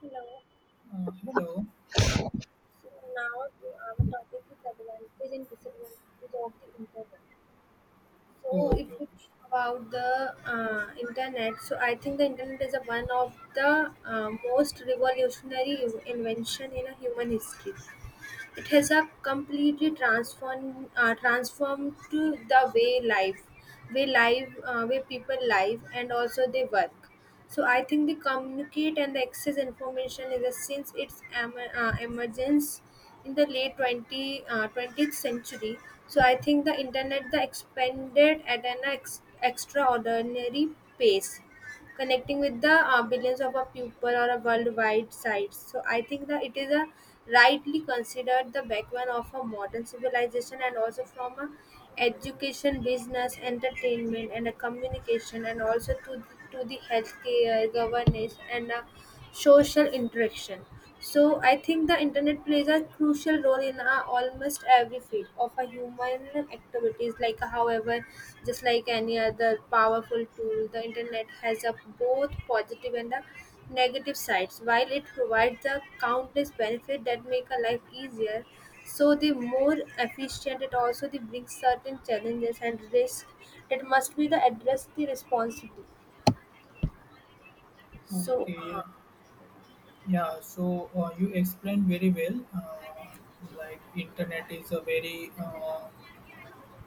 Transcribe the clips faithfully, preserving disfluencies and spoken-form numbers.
Hello. Uh, hello. So now to our topic is advantage and disadvantage of the internet. So Oh, if okay, okay. we talk about the uh, internet, so I think the internet is a one of the uh, most revolutionary invention in a human history. It has a completely transformed uh, transformed to the way life, way live, uh, way people live, and also they work. So I think the communicate and the access information is a, since its em- uh, emergence in the late twenty, uh, twentieth century. So I think the internet the expanded at an ex- extraordinary pace connecting with the uh, billions of a people or a worldwide sites. So I think that it is a rightly considered the backbone of a modern civilization and also from a education, business, entertainment, and a communication, and also to the, to the healthcare, governance, and a social interaction. So I think the internet plays a crucial role in uh, almost every field of a human activities. Like uh, however, just like any other powerful tool, the internet has a both positive and a negative sides. While it provides the countless benefits that make a life easier, so the more efficient it also the brings certain challenges and risks that must be the addressed the responsibly. So. Okay, yeah. Uh, Yeah, so uh, you explained very well. Uh, like internet is a very uh,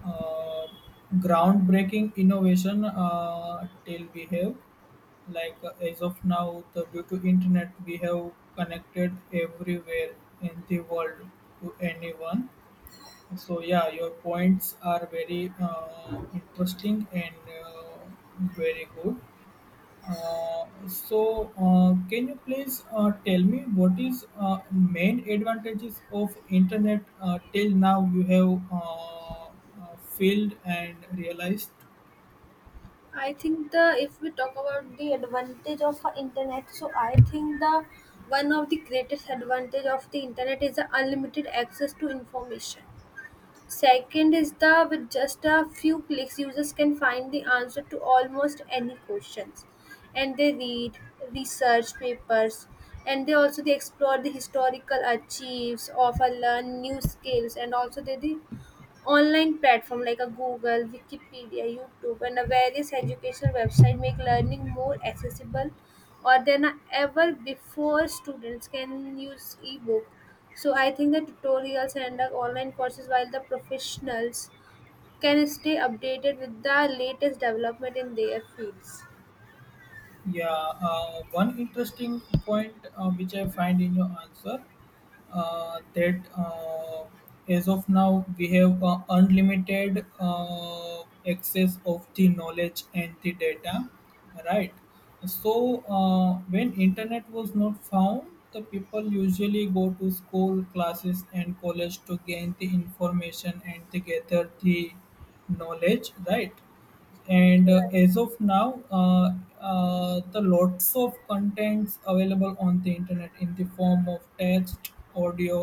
uh, groundbreaking innovation uh, till we have, like uh, as of now, the, due to internet we have connected everywhere in the world to anyone, so yeah, your points are very uh, interesting and uh, very good. Uh, so, uh, can you please uh, tell me what is uh, main advantages of internet uh, till now you have uh, uh, filled and realized? I think the if we talk about the advantage of a internet, so I think the one of the greatest advantage of the internet is the unlimited access to information. Second is the with just a few clicks, users can find the answer to almost any questions, and they read research papers, and they also they explore the historical archives of a learn new skills, and also they, they Online platform like a Google, Wikipedia, YouTube, and a various educational website make learning more accessible or than ever before students can use ebook. So I think the tutorials and the online courses while the professionals can stay updated with the latest development in their fields. Yeah, uh, one interesting point uh, which I find in your answer, uh, that uh, as of now we have uh, unlimited uh, access of the knowledge and the data, right? So uh, when internet was not found, the people usually go to school classes and college to gain the information and to gather the knowledge, right? And uh, Right. as of now, uh, uh, the lots of contents available on the internet in the form of text, audio,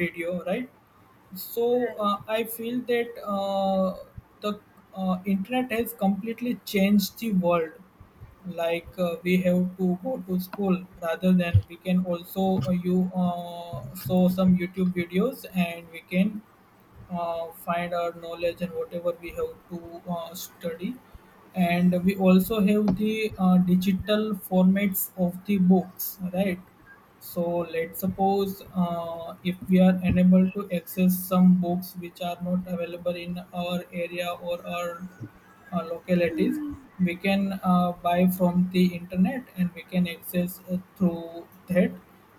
video, right? So Right. uh, I feel that uh, the uh, internet has completely changed the world. Like uh, we have to go to school rather than we can also uh, you uh, saw some YouTube videos, and we can uh, find our knowledge and whatever we have to uh, study. And we also have the uh, digital formats of the books, right? So let's suppose uh, if we are unable to access some books which are not available in our area or our uh, localities, we can uh, buy from the internet and we can access uh, through that.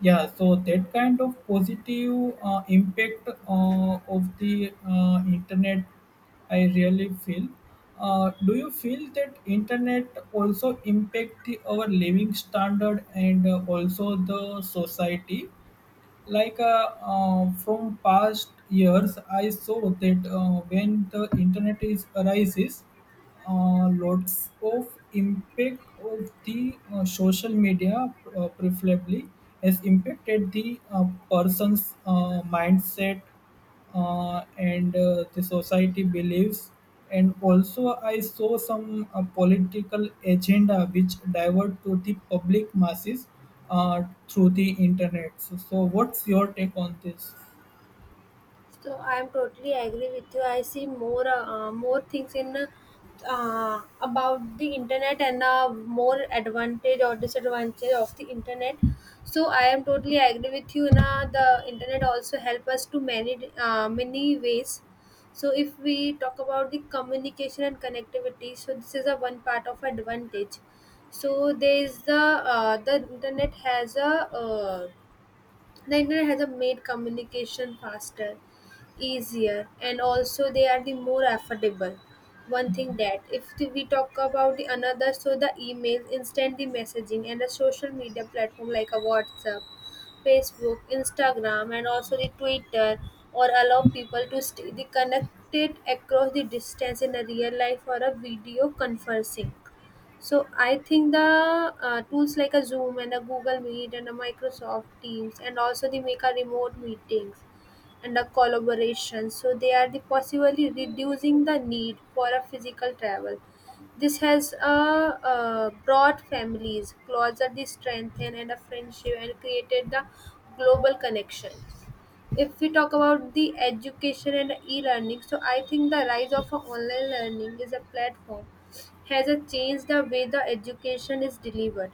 Yeah, so that kind of positive uh, impact uh, of the uh, internet I really feel. Uh, do you feel that internet also impact the, our living standard and uh, also the society, like uh, uh, from past years I saw that uh, when the internet is arises, uh, lots of impact of the uh, social media uh, preferably has impacted the uh, person's uh, mindset, uh, and uh, the society believes. And also, I saw some uh, political agenda which divert to the public masses uh, through the internet. So, so, what's your take on this? So I am totally agree with you. I see more uh, more things in uh, about the internet and uh, more advantage or disadvantage of the internet. So I am totally agree with you. Na the internet also help us to many uh, many ways. So if we talk about the communication and connectivity, so this is a one part of advantage. So there is the uh, the internet has a uh, the internet has uh, made communication faster easier and also they are the more affordable one thing that if the- we talk about the another so the email instant the messaging and the social media platform like a WhatsApp, Facebook, Instagram, and also the Twitter or allow people to stay the connected across the distance in a real life or a video conferencing so I think the uh, tools like a Zoom and a Google Meet and a Microsoft Teams and also they make a remote meetings and a collaboration. So they are the possibly reducing the need for a physical travel. This has uh, uh, brought families closer, the strengthen and a friendship and created the global connections. If we talk about the education and e-learning, so I think the rise of a online learning is a platform has a changed the way the education is delivered.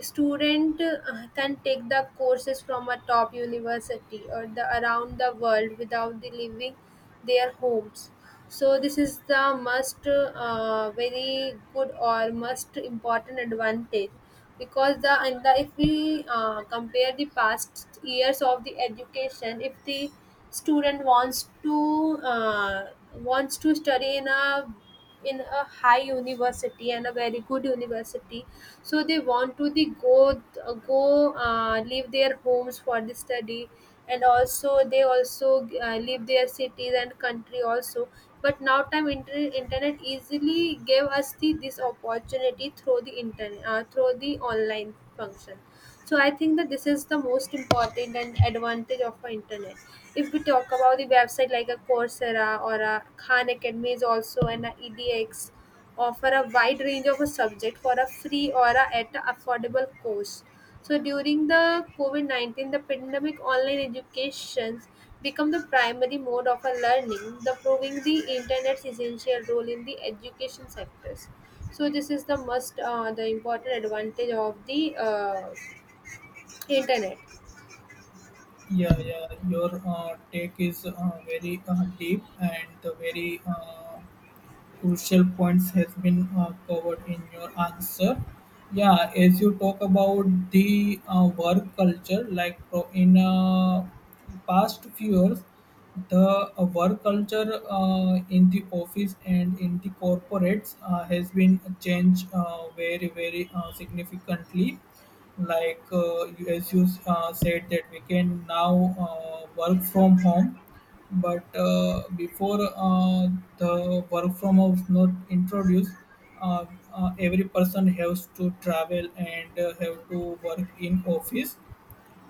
Student uh, can take the courses from a top university or the around the world without the leaving their homes. So this is the must uh, very good or must important advantage because the and the if we uh, compare the past years of the education if the student wants to uh, wants to study in a in a high university and a very good university so they want to the go uh, go uh, leave their homes for the study and also they also uh, leave their cities and country also but now time inter- internet easily gave us the this opportunity through the internet uh, through the online function so I think that this is the most important and advantage of our internet. If we talk about the website like a Coursera or a Khan Academy is also an edX, offer a wide range of a subject for a free or a, at an affordable cost, so during the covid nineteen the pandemic online educations become the primary mode of a learning the proving the internet's essential role in the education sectors. So this is the most uh, the important advantage of the uh, internet. Yeah, yeah, your uh, take is uh, very uh, deep, and very uh, crucial points has been uh, covered in your answer. Yeah, as you talk about the uh, work culture, like, pro- in uh, past few years, the uh, work culture uh, in the office and in the corporates uh, has been changed uh, very, very uh, significantly. Like, uh, you- as you uh, said that we can now uh, work from home, but uh, before uh, the work from home was introduced, uh, uh, every person has to travel and uh, have to work in office.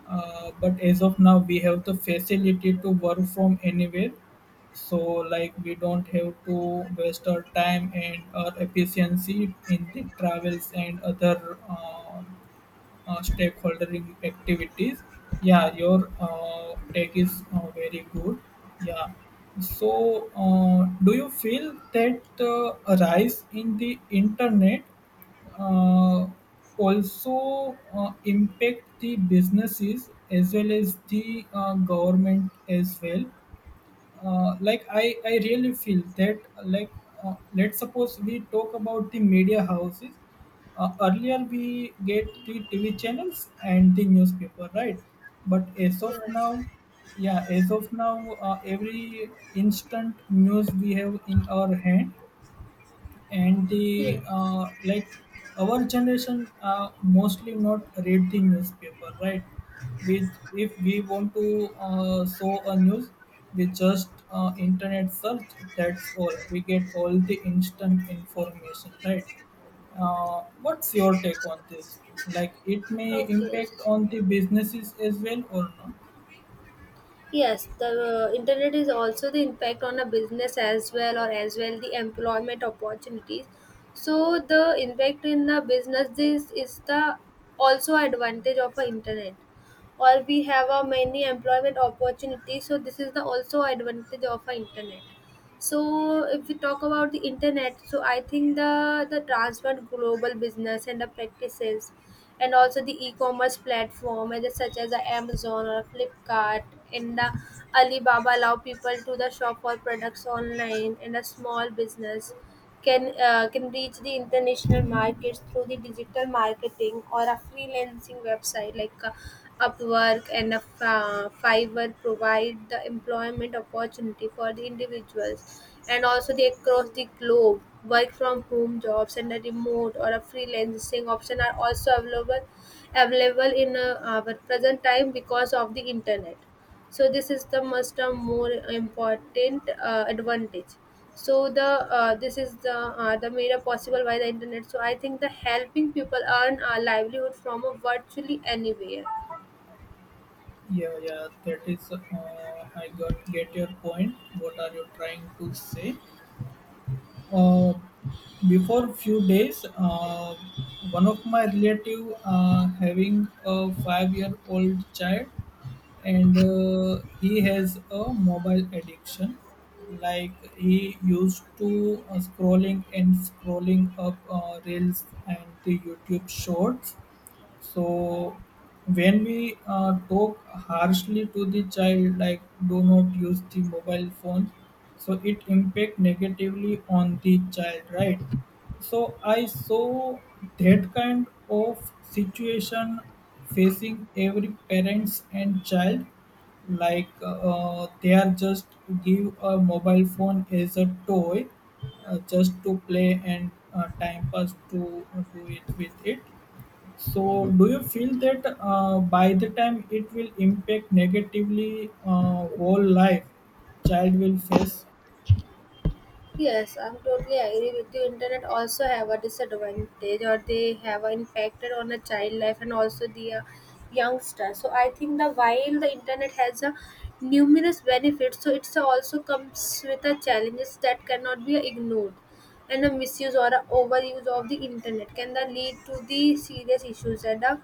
Uh, but as of now, we have the facility to work from anywhere. So, like, we don't have to waste our time and our efficiency in the travels and other Uh, uh, stakeholder in- activities. Yeah, your uh, take is uh, very good. Yeah. So, uh, do you feel that uh, a rise in the internet uh, also uh, impact the businesses as well as the uh, government as well? Uh, like, I, I really feel that uh, like uh, let's suppose we talk about the media houses. Uh, earlier we get the TV channels and the newspaper, right? But as of Yes. now, yeah, as of now, uh, every instant news we have in our hand, and the Yes. uh, like, our generation uh, mostly not read the newspaper, right? With, if we want to uh, show a news, we just uh, internet search, that's all, we get all the instant information, right? Uh, what's your take on this? Like, it may Okay. impact on the businesses as well or no. Yes, the uh, internet is also the impact on a business as well or as well the employment opportunities. So the impact in the business this is the also advantage of a internet. Or we have a many employment opportunities. So this is the also advantage of a internet. So if we talk about the internet so I think the the transferred global business and the practices and also the e-commerce platform and such as the Amazon or Flipkart and the Alibaba allow people to the shop for products online and a small business can uh, can reach the international markets through the digital marketing or a freelancing website like uh, Upwork and a uh, Fiverr provide the employment opportunity for the individuals and also they across the globe work from home jobs and a remote or a freelancing option are also available available in uh, our present time because of the internet so this is the most uh, more important uh, advantage so the uh, this is the uh, the made possible by the internet so I think the helping people earn a livelihood from a virtually anywhere. Yeah, yeah, that is uh, I got, get your point what are you trying to say. Uh, Before few days, uh, one of my relative uh, having a five-year-old child, and uh, he has a mobile addiction. Like he used to uh, scrolling and scrolling up uh, reels and the YouTube shorts. So when we uh, talk harshly to the child, like, do not use the mobile phones, so it impact negatively on the child, right? So I saw that kind of situation facing every parents and child. Like, uh, they are just give a mobile phone as a toy uh, just to play and uh, time pass to uh, do it with it. So, do you feel that uh, by the time it will impact negatively uh, whole life, child will face? Yes, I'm totally agree with you. Internet also have a disadvantage, or they have an infected on a child life and also the uh, youngster. So I think the while the internet has a numerous benefits, so it's also comes with a challenges that cannot be ignored, and a misuse or a overuse of the internet can then lead to the serious issues and a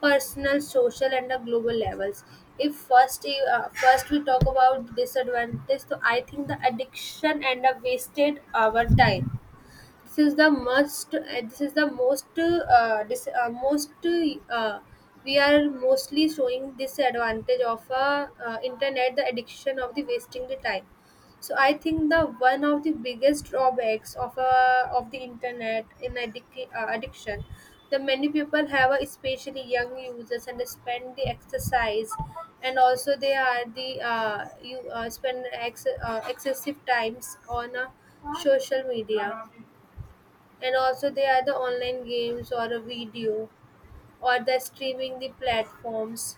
personal, social, and the global levels. If first, you- uh, first we talk about disadvantage, so I think the addiction and the wasted our time. This is the most. Uh, this is the most. Uh, dis, uh, most. Uh, we are mostly showing disadvantage of uh, uh, internet, the addiction of the wasting the time. So I think the one of the biggest drawbacks of uh, of the internet in addic- uh, addiction, the many people have, uh, especially young users, and they spend the exercise, and also they are the uh, you uh, spend ex- uh, excessive times on uh, social media and also they are the online games or a video or the streaming the platforms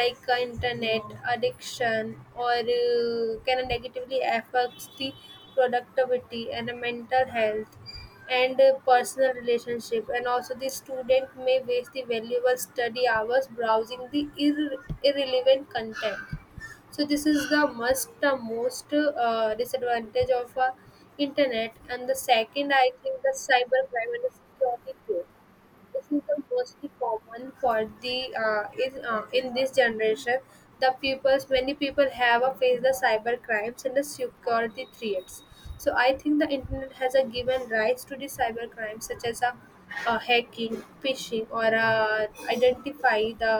like uh, internet addiction or uh, can negatively affects the productivity and the mental health and uh, personal relationship and also the student may waste the valuable study hours browsing the irre- irrelevant content so this is the must the most uh, disadvantage of uh, internet and the second I think the cyber crime and the security threat this is the mostly common for the uh, is, uh, in this generation the people's many people have uh, faced the cyber crimes and the security threats so I think the internet has a given rise to the cyber crimes such as a uh, hacking phishing or uh, identify the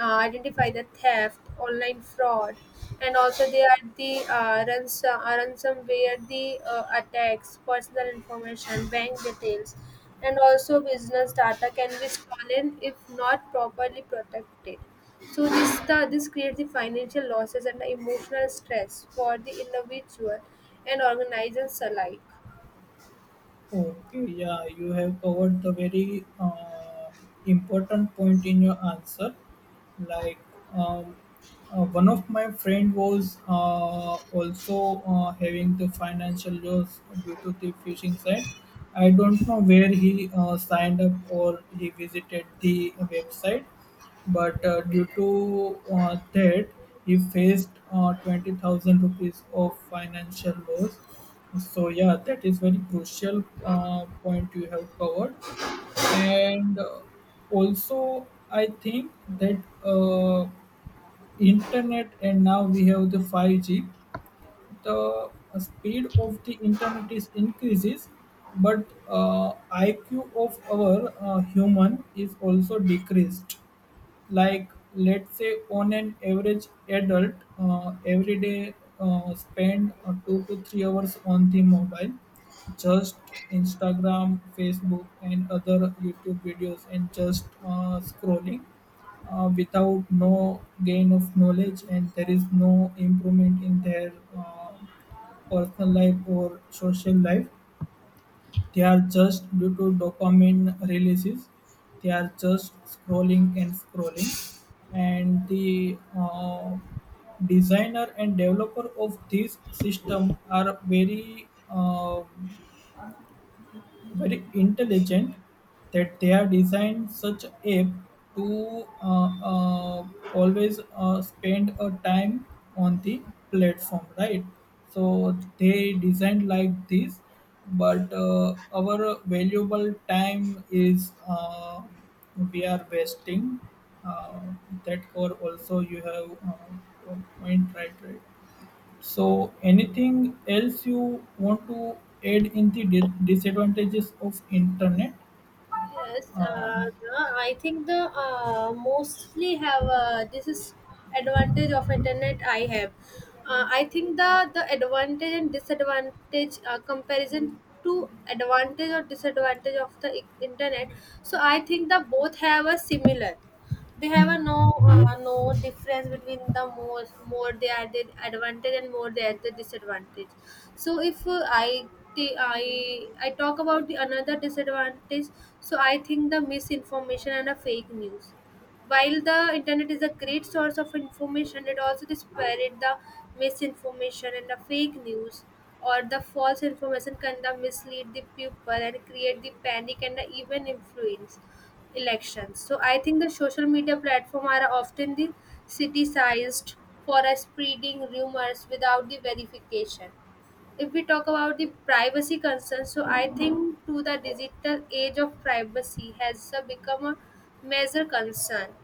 uh, identify the theft, online fraud, and also they are the uh, ransom, uh, ransomware, the uh, attacks, personal information, bank details, and also business data can be stolen if not properly protected. So this the, this creates the financial losses and the emotional stress for the individual and organizations alike. Okay, yeah, you have covered the very uh, important point in your answer. Like, um, uh, one of my friend was uh, also uh, having the financial loss due to the phishing site. I don't know where he uh, signed up or he visited the website. But uh, due to uh, that, he faced uh, twenty thousand rupees of financial loss. So yeah, that is very crucial uh, point you have covered. And uh, also, I think that uh, internet, and now we have the five G. The speed of the internet is increases, but uh, I Q of our uh, human is also decreased. Like, let's say on an average adult uh, every day uh, spend uh, two to three hours on the mobile, just Instagram, Facebook, and other YouTube videos, and just uh, scrolling, uh, without no gain of knowledge, and there is no improvement in their uh, personal life or social life. They are just due to dopamine releases. They are just scrolling and scrolling, and the uh, designer and developer of this system are very. um very intelligent, that they are designed such app to uh, uh, always uh, spend a time on the platform, right? So they designed like this. But uh, our valuable time is, uh, we are wasting, uh, that core also you have uh, point, right right So, anything else you want to add in the di- disadvantages of internet? Yes, uh, the, I think the uh, mostly have uh, this is advantage of internet. I have, uh, I think the the advantage and disadvantage uh, comparison to advantage or disadvantage of the i- internet. So I think the both have a similar they have a no uh, no difference between the more more they are the advantage and more they are the disadvantage so if uh, I t- I I talk about the another disadvantage. So I think the misinformation and a fake news. While the internet is a great source of information, it also spread the misinformation and the fake news or the false information can the mislead the people and create the panic and the even influence elections. So I think the social media platform are often the criticized for uh, spreading rumors without the verification. If we talk about the privacy concerns, so I think to the digital age of privacy has uh, become a major concern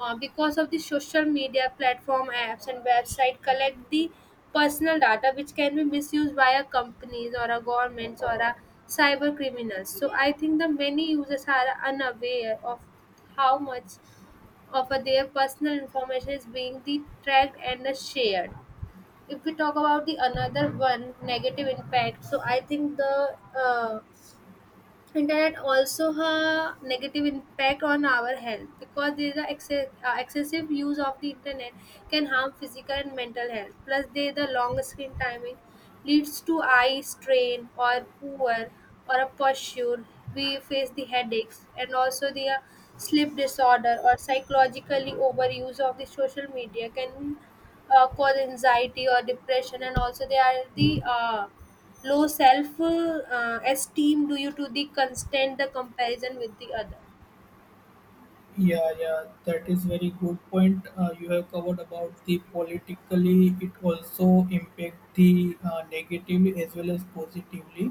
uh, because of the social media platform apps and website collect the personal data which can be misused by a companies or a governments or a cyber criminals. So I think the many users are unaware of how much of uh, their personal information is being the tracked and uh, shared. If we talk about the another one negative impact, so I think the uh, internet also has negative impact on our health because there is a exce- uh, excessive use of the internet can harm physical and mental health. Plus there the long screen timing leads to eye strain or poor or a posture. We face the headaches and also the uh, sleep disorder, or psychologically overuse of the social media can uh, cause anxiety or depression, and also they are the uh, low self uh, esteem due to the constant the comparison with the other. Yeah, yeah, that is very good point. Uh, you have covered about the politically. It also impact the uh, negatively as well as positively.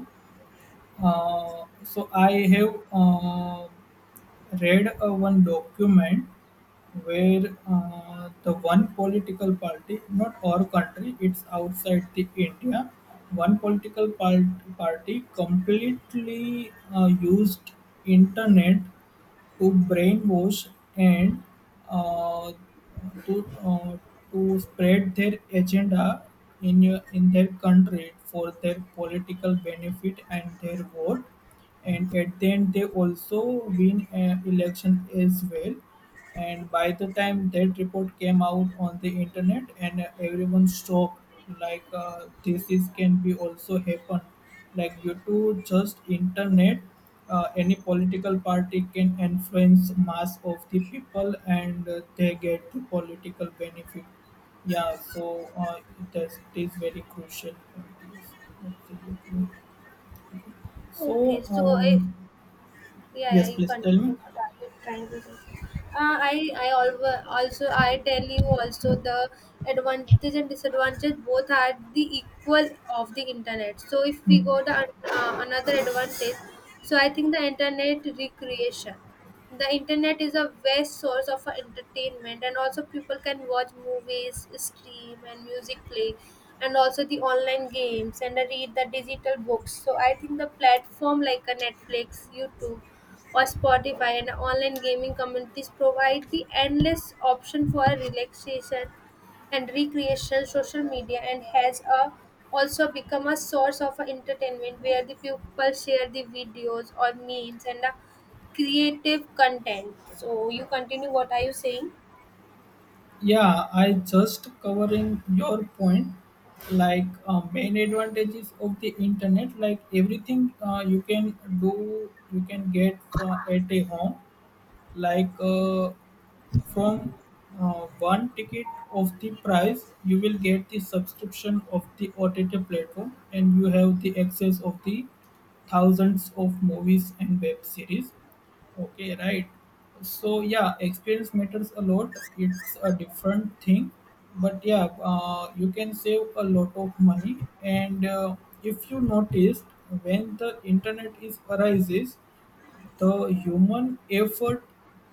Uh, so I have uh, read uh, one document where uh, the one political party, not our country, it's outside the India, one political part party completely uh, used internet to brainwash and uh, to uh, to spread their agenda in your- in their country for their political benefit and their vote, and at the end they also win an election as well. And by the time that report came out on the internet, and everyone shocked, like uh, this is can be also happen, like due to just internet, uh, any political party can influence mass of the people, and uh, they get the political benefit. Yeah, so uh, that is very crucial point, yes, absolutely. So, Okay, so so I, um, yeah, yeah, yes, you please can, tell me. what are you trying to say? uh, i i alwa- Also I tell you also the advantages and disadvantages both are the equal of the internet. So if we Hmm. go the uh, another advantage, so I think the internet recreation, the internet is a vast source of entertainment, and also people can watch movies stream and music play, and also the online games and read the digital books. So I think the platform like a Netflix, YouTube or Spotify and online gaming communities provide the endless option for relaxation and recreation. Social media and has a also become a source of entertainment where the people share the videos or memes and uh, creative content. So you continue. What are you saying? Yeah, I just covering your point. Like uh, main advantages of the internet, like everything uh, you can do, you can get from at a home, like uh, from uh, one ticket of the price you will get the subscription of the O T T platform and you have the access of the thousands of movies and web series, okay, right, so yeah, experience matters a lot, it's a different thing, but yeah, uh, you can save a lot of money. And uh, if you noticed, when the internet is arises, the human effort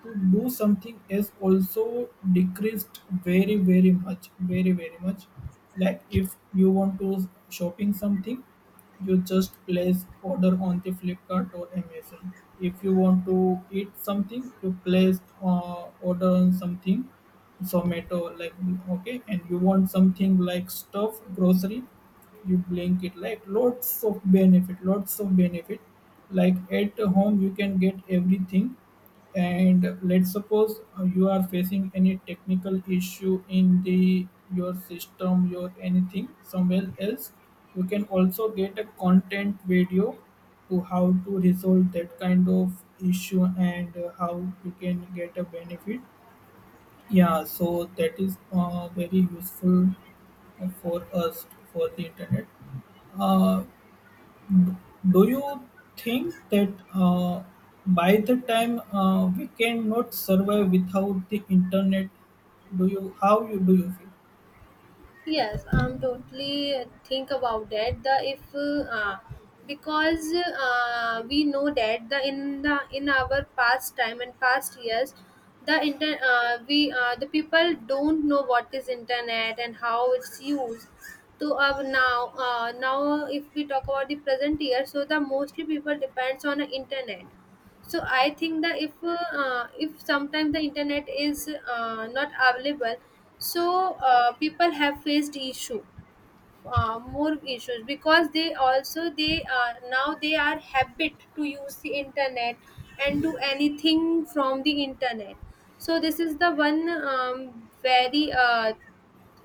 to do something is also decreased very, very much, very, very much. Like if you want to shopping something, you just place order on the Flipkart or Amazon. If you want to eat something, you place uh, order on something, Zomato, like, okay, and you want something like stuff, grocery, you blink it. Like, lots of benefit, lots of benefit, like at home you can get everything. And let's suppose uh, you are facing any technical issue in the your system your anything somewhere else, you can also get a content video to how to resolve that kind of issue and uh, how you can get a benefit. Yeah, so that is uh, very useful uh, for us, for the internet. Uh, do you think that uh, by the time uh, we cannot survive without the internet? Do you, how you, do you feel? Yes, I'm totally think about that. The if uh, because uh, we know that the in the in our past time and past years, the inter uh, we uh, the people don't know what is internet and how it's used. So uh, now uh, now if we talk about the present year, so the mostly people depends on the internet. So I think that if uh, if sometimes the internet is uh, not available, so uh, people have faced issue, uh, more issues, because they also they uh, now they are habit to use the internet and do anything from the internet. So this is the one um, very uh,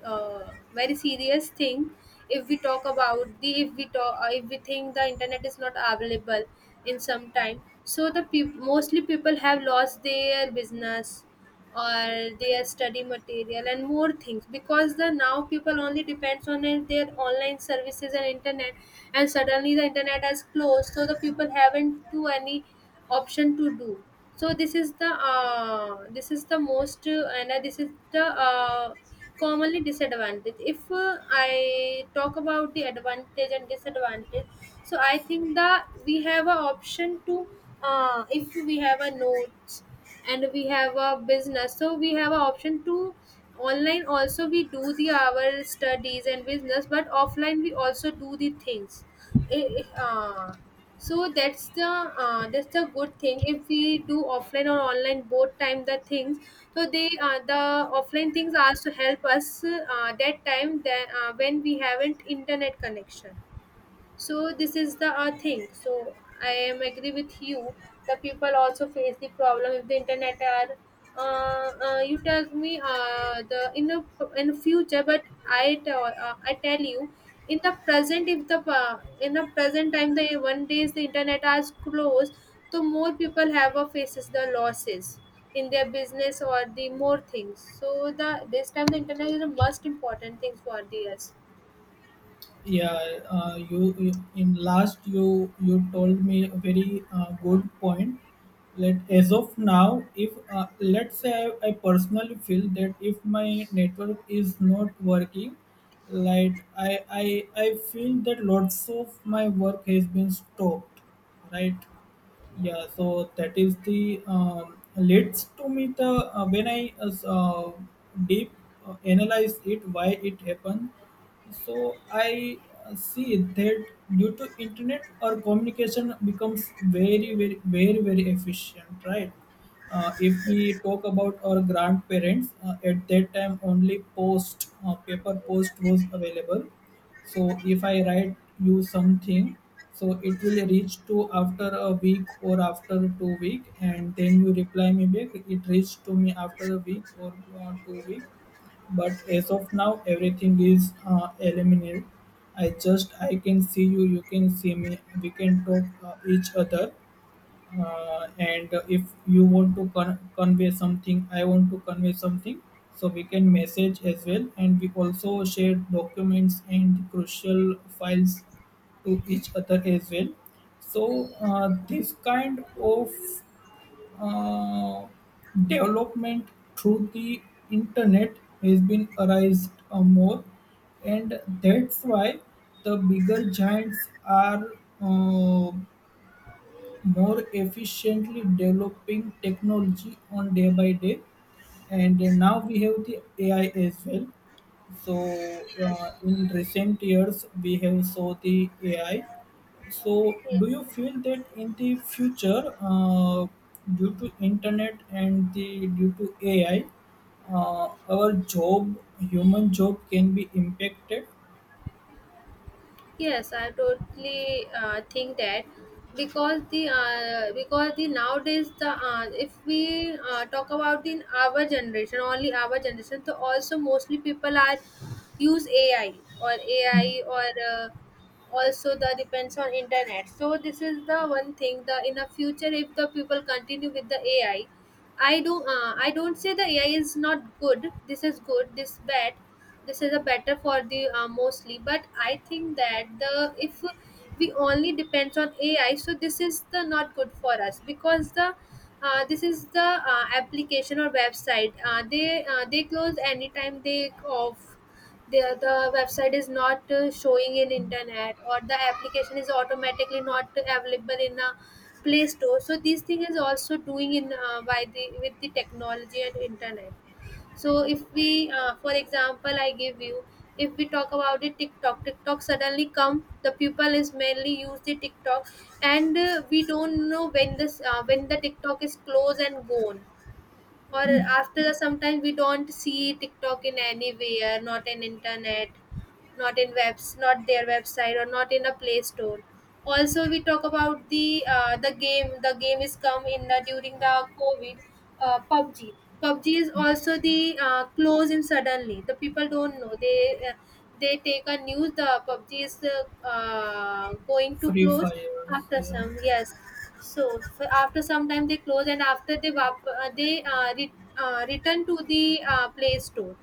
uh, very serious thing. If we talk about the, if we talk uh, if we think the internet is not available in some time, so the peop mostly people have lost their business or their study material and more things, because the now people only depends on it- their online services and internet, and suddenly the internet has closed, so the people haven't to any option to do. So this is the uh, this is the most uh, and uh, this is the uh, commonly disadvantage. If uh, I talk about the advantage and disadvantage, so I think that we have a option to uh, if we have a notes and we have a business, so we have a option to online also we do the our studies and business, but offline we also do the things. Eh, eh, uh, so that's the uh, that's the good thing. If we do offline or online both time the things, so they uh, the offline things also help us uh, that time, that uh, when we haven't internet connection. So this is the uh, thing. So I am agree with you, the people also face the problem if the internet are uh, uh, you tell me uh, the in the, in the future. But i tell uh, I tell you, in the present, if the uh, in the present time, the one days the internet are closed, so more people have a faces the losses in their business or the more things. So the this time the internet is a most important thing for the us. Yeah, uh, you you- in last you you told me a very uh, good point. Let, as of now, if uh, let's say I, I personally feel that if my network is not working, like I I I feel that lots of my work has been stopped, right? Yeah, so that is the, um, leads to me the uh, when I uh, s- uh, deep uh, analyze it why it happened. So I uh, see that due to internet our communication becomes very, very, very, very efficient, right? Uh, if we talk about our grandparents, uh, at that time only post uh, paper post was available. So if I write you something, so it will reach to after a week or after two week, and then you reply me back, it reached to me after a week or uh, two week, but as of now everything is uh, eliminated. I just I can see you, you can see me. We can talk uh, each other. Uh, and uh, if you want to con- convey something, I want to convey something. So we can message as well, and we also share documents and crucial files to each other as well. So uh, this kind of uh, development through the internet has been arised uh, more, and that's why the bigger giants are uh, more efficiently developing technology on day by day. And now we have the AI as well. So uh, in recent years we have saw the AI. So Yes, do you yeah. feel that in the future uh, due to internet and the due to AI uh, our job human job can be impacted? Yes, I totally uh, think that, because the uh, because the nowadays the uh, if we uh, talk about the our generation, only our generation, so also mostly people are use A I or Hmm. A I or uh, also the depends on internet. So this is the one thing, the in the future if the people continue with the A I, I I do uh, I don't say the A I is not good. This is good. This bad, this is a better for the uh, mostly. But I think that the if we only depends on AI, so this is the not good for us, because the uh, this is the uh, application or website uh, they uh, they close anytime, they off the, the website is not uh, showing in internet, or the application is automatically not available in a play store. So these thing is also doing in uh, by the with the technology and internet. So if we uh, for example I give you, if we talk about the TikTok, TikTok suddenly come, the people is mainly use the TikTok, and uh, we don't know when this uh, when the TikTok is closed and gone. Or after sometimes we don't see TikTok in anywhere, not in internet, not in webs, not their website, or not in a play store. Also we talk about the uh, the game the game is come in the during the COVID, uh, pubg PUBG is also the uh, close in suddenly. The people don't know they uh, they take a news the PUBG is uh, uh, going to Free close. fires, After yeah. some, yes, so f- after some time they close, and after they vap- uh, they uh, re- uh, return to the uh, Play Store.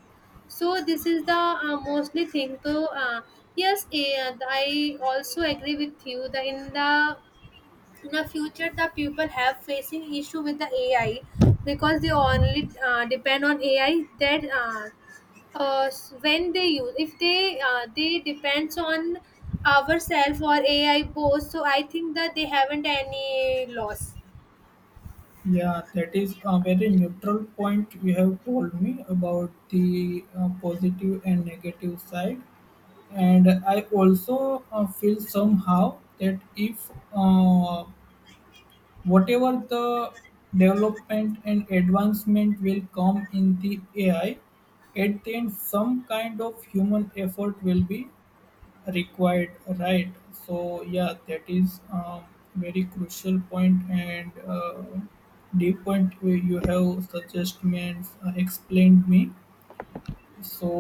So this is the uh, mostly thing. So uh, yes, eh, I also agree with you that in the, in the future the people have facing issue with the A I, because they only uh, depend on A I, that uh, uh, s- when they use, if they uh, they depends on ourself or A I both. So I think that they haven't any loss. Yeah, that is a very neutral point you have told me about the uh, positive and negative side. And I also uh, feel somehow that if uh, whatever the development and advancement will come in the A I, at the end, some kind of human effort will be required, right? So yeah, that is a very crucial point, and uh, the point where you have suggestions uh, explained me. So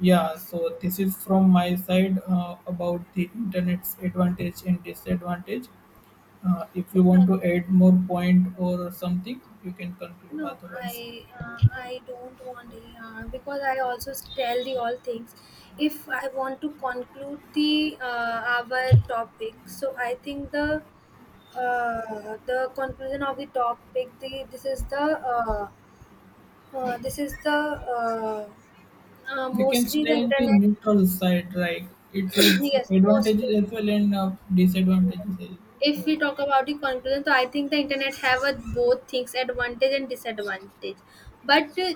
yeah, so this is from my side uh, about the internet's advantage and disadvantage. Uh, if you want But to add more point or something you can conclude, no, otherwise I uh, I don't want, uh, because I also tell the all things. If I want to conclude the uh, our topic, so I think the uh, the conclusion of the topic, the this is the uh, uh, this is the uh, uh, we can mostly the stay in the internet. neutral side, right? It's its Yes, mostly. advantages as well and uh, disadvantages as If well. we talk about the conclusion, so I think the internet have a, both things advantage and disadvantage, but uh,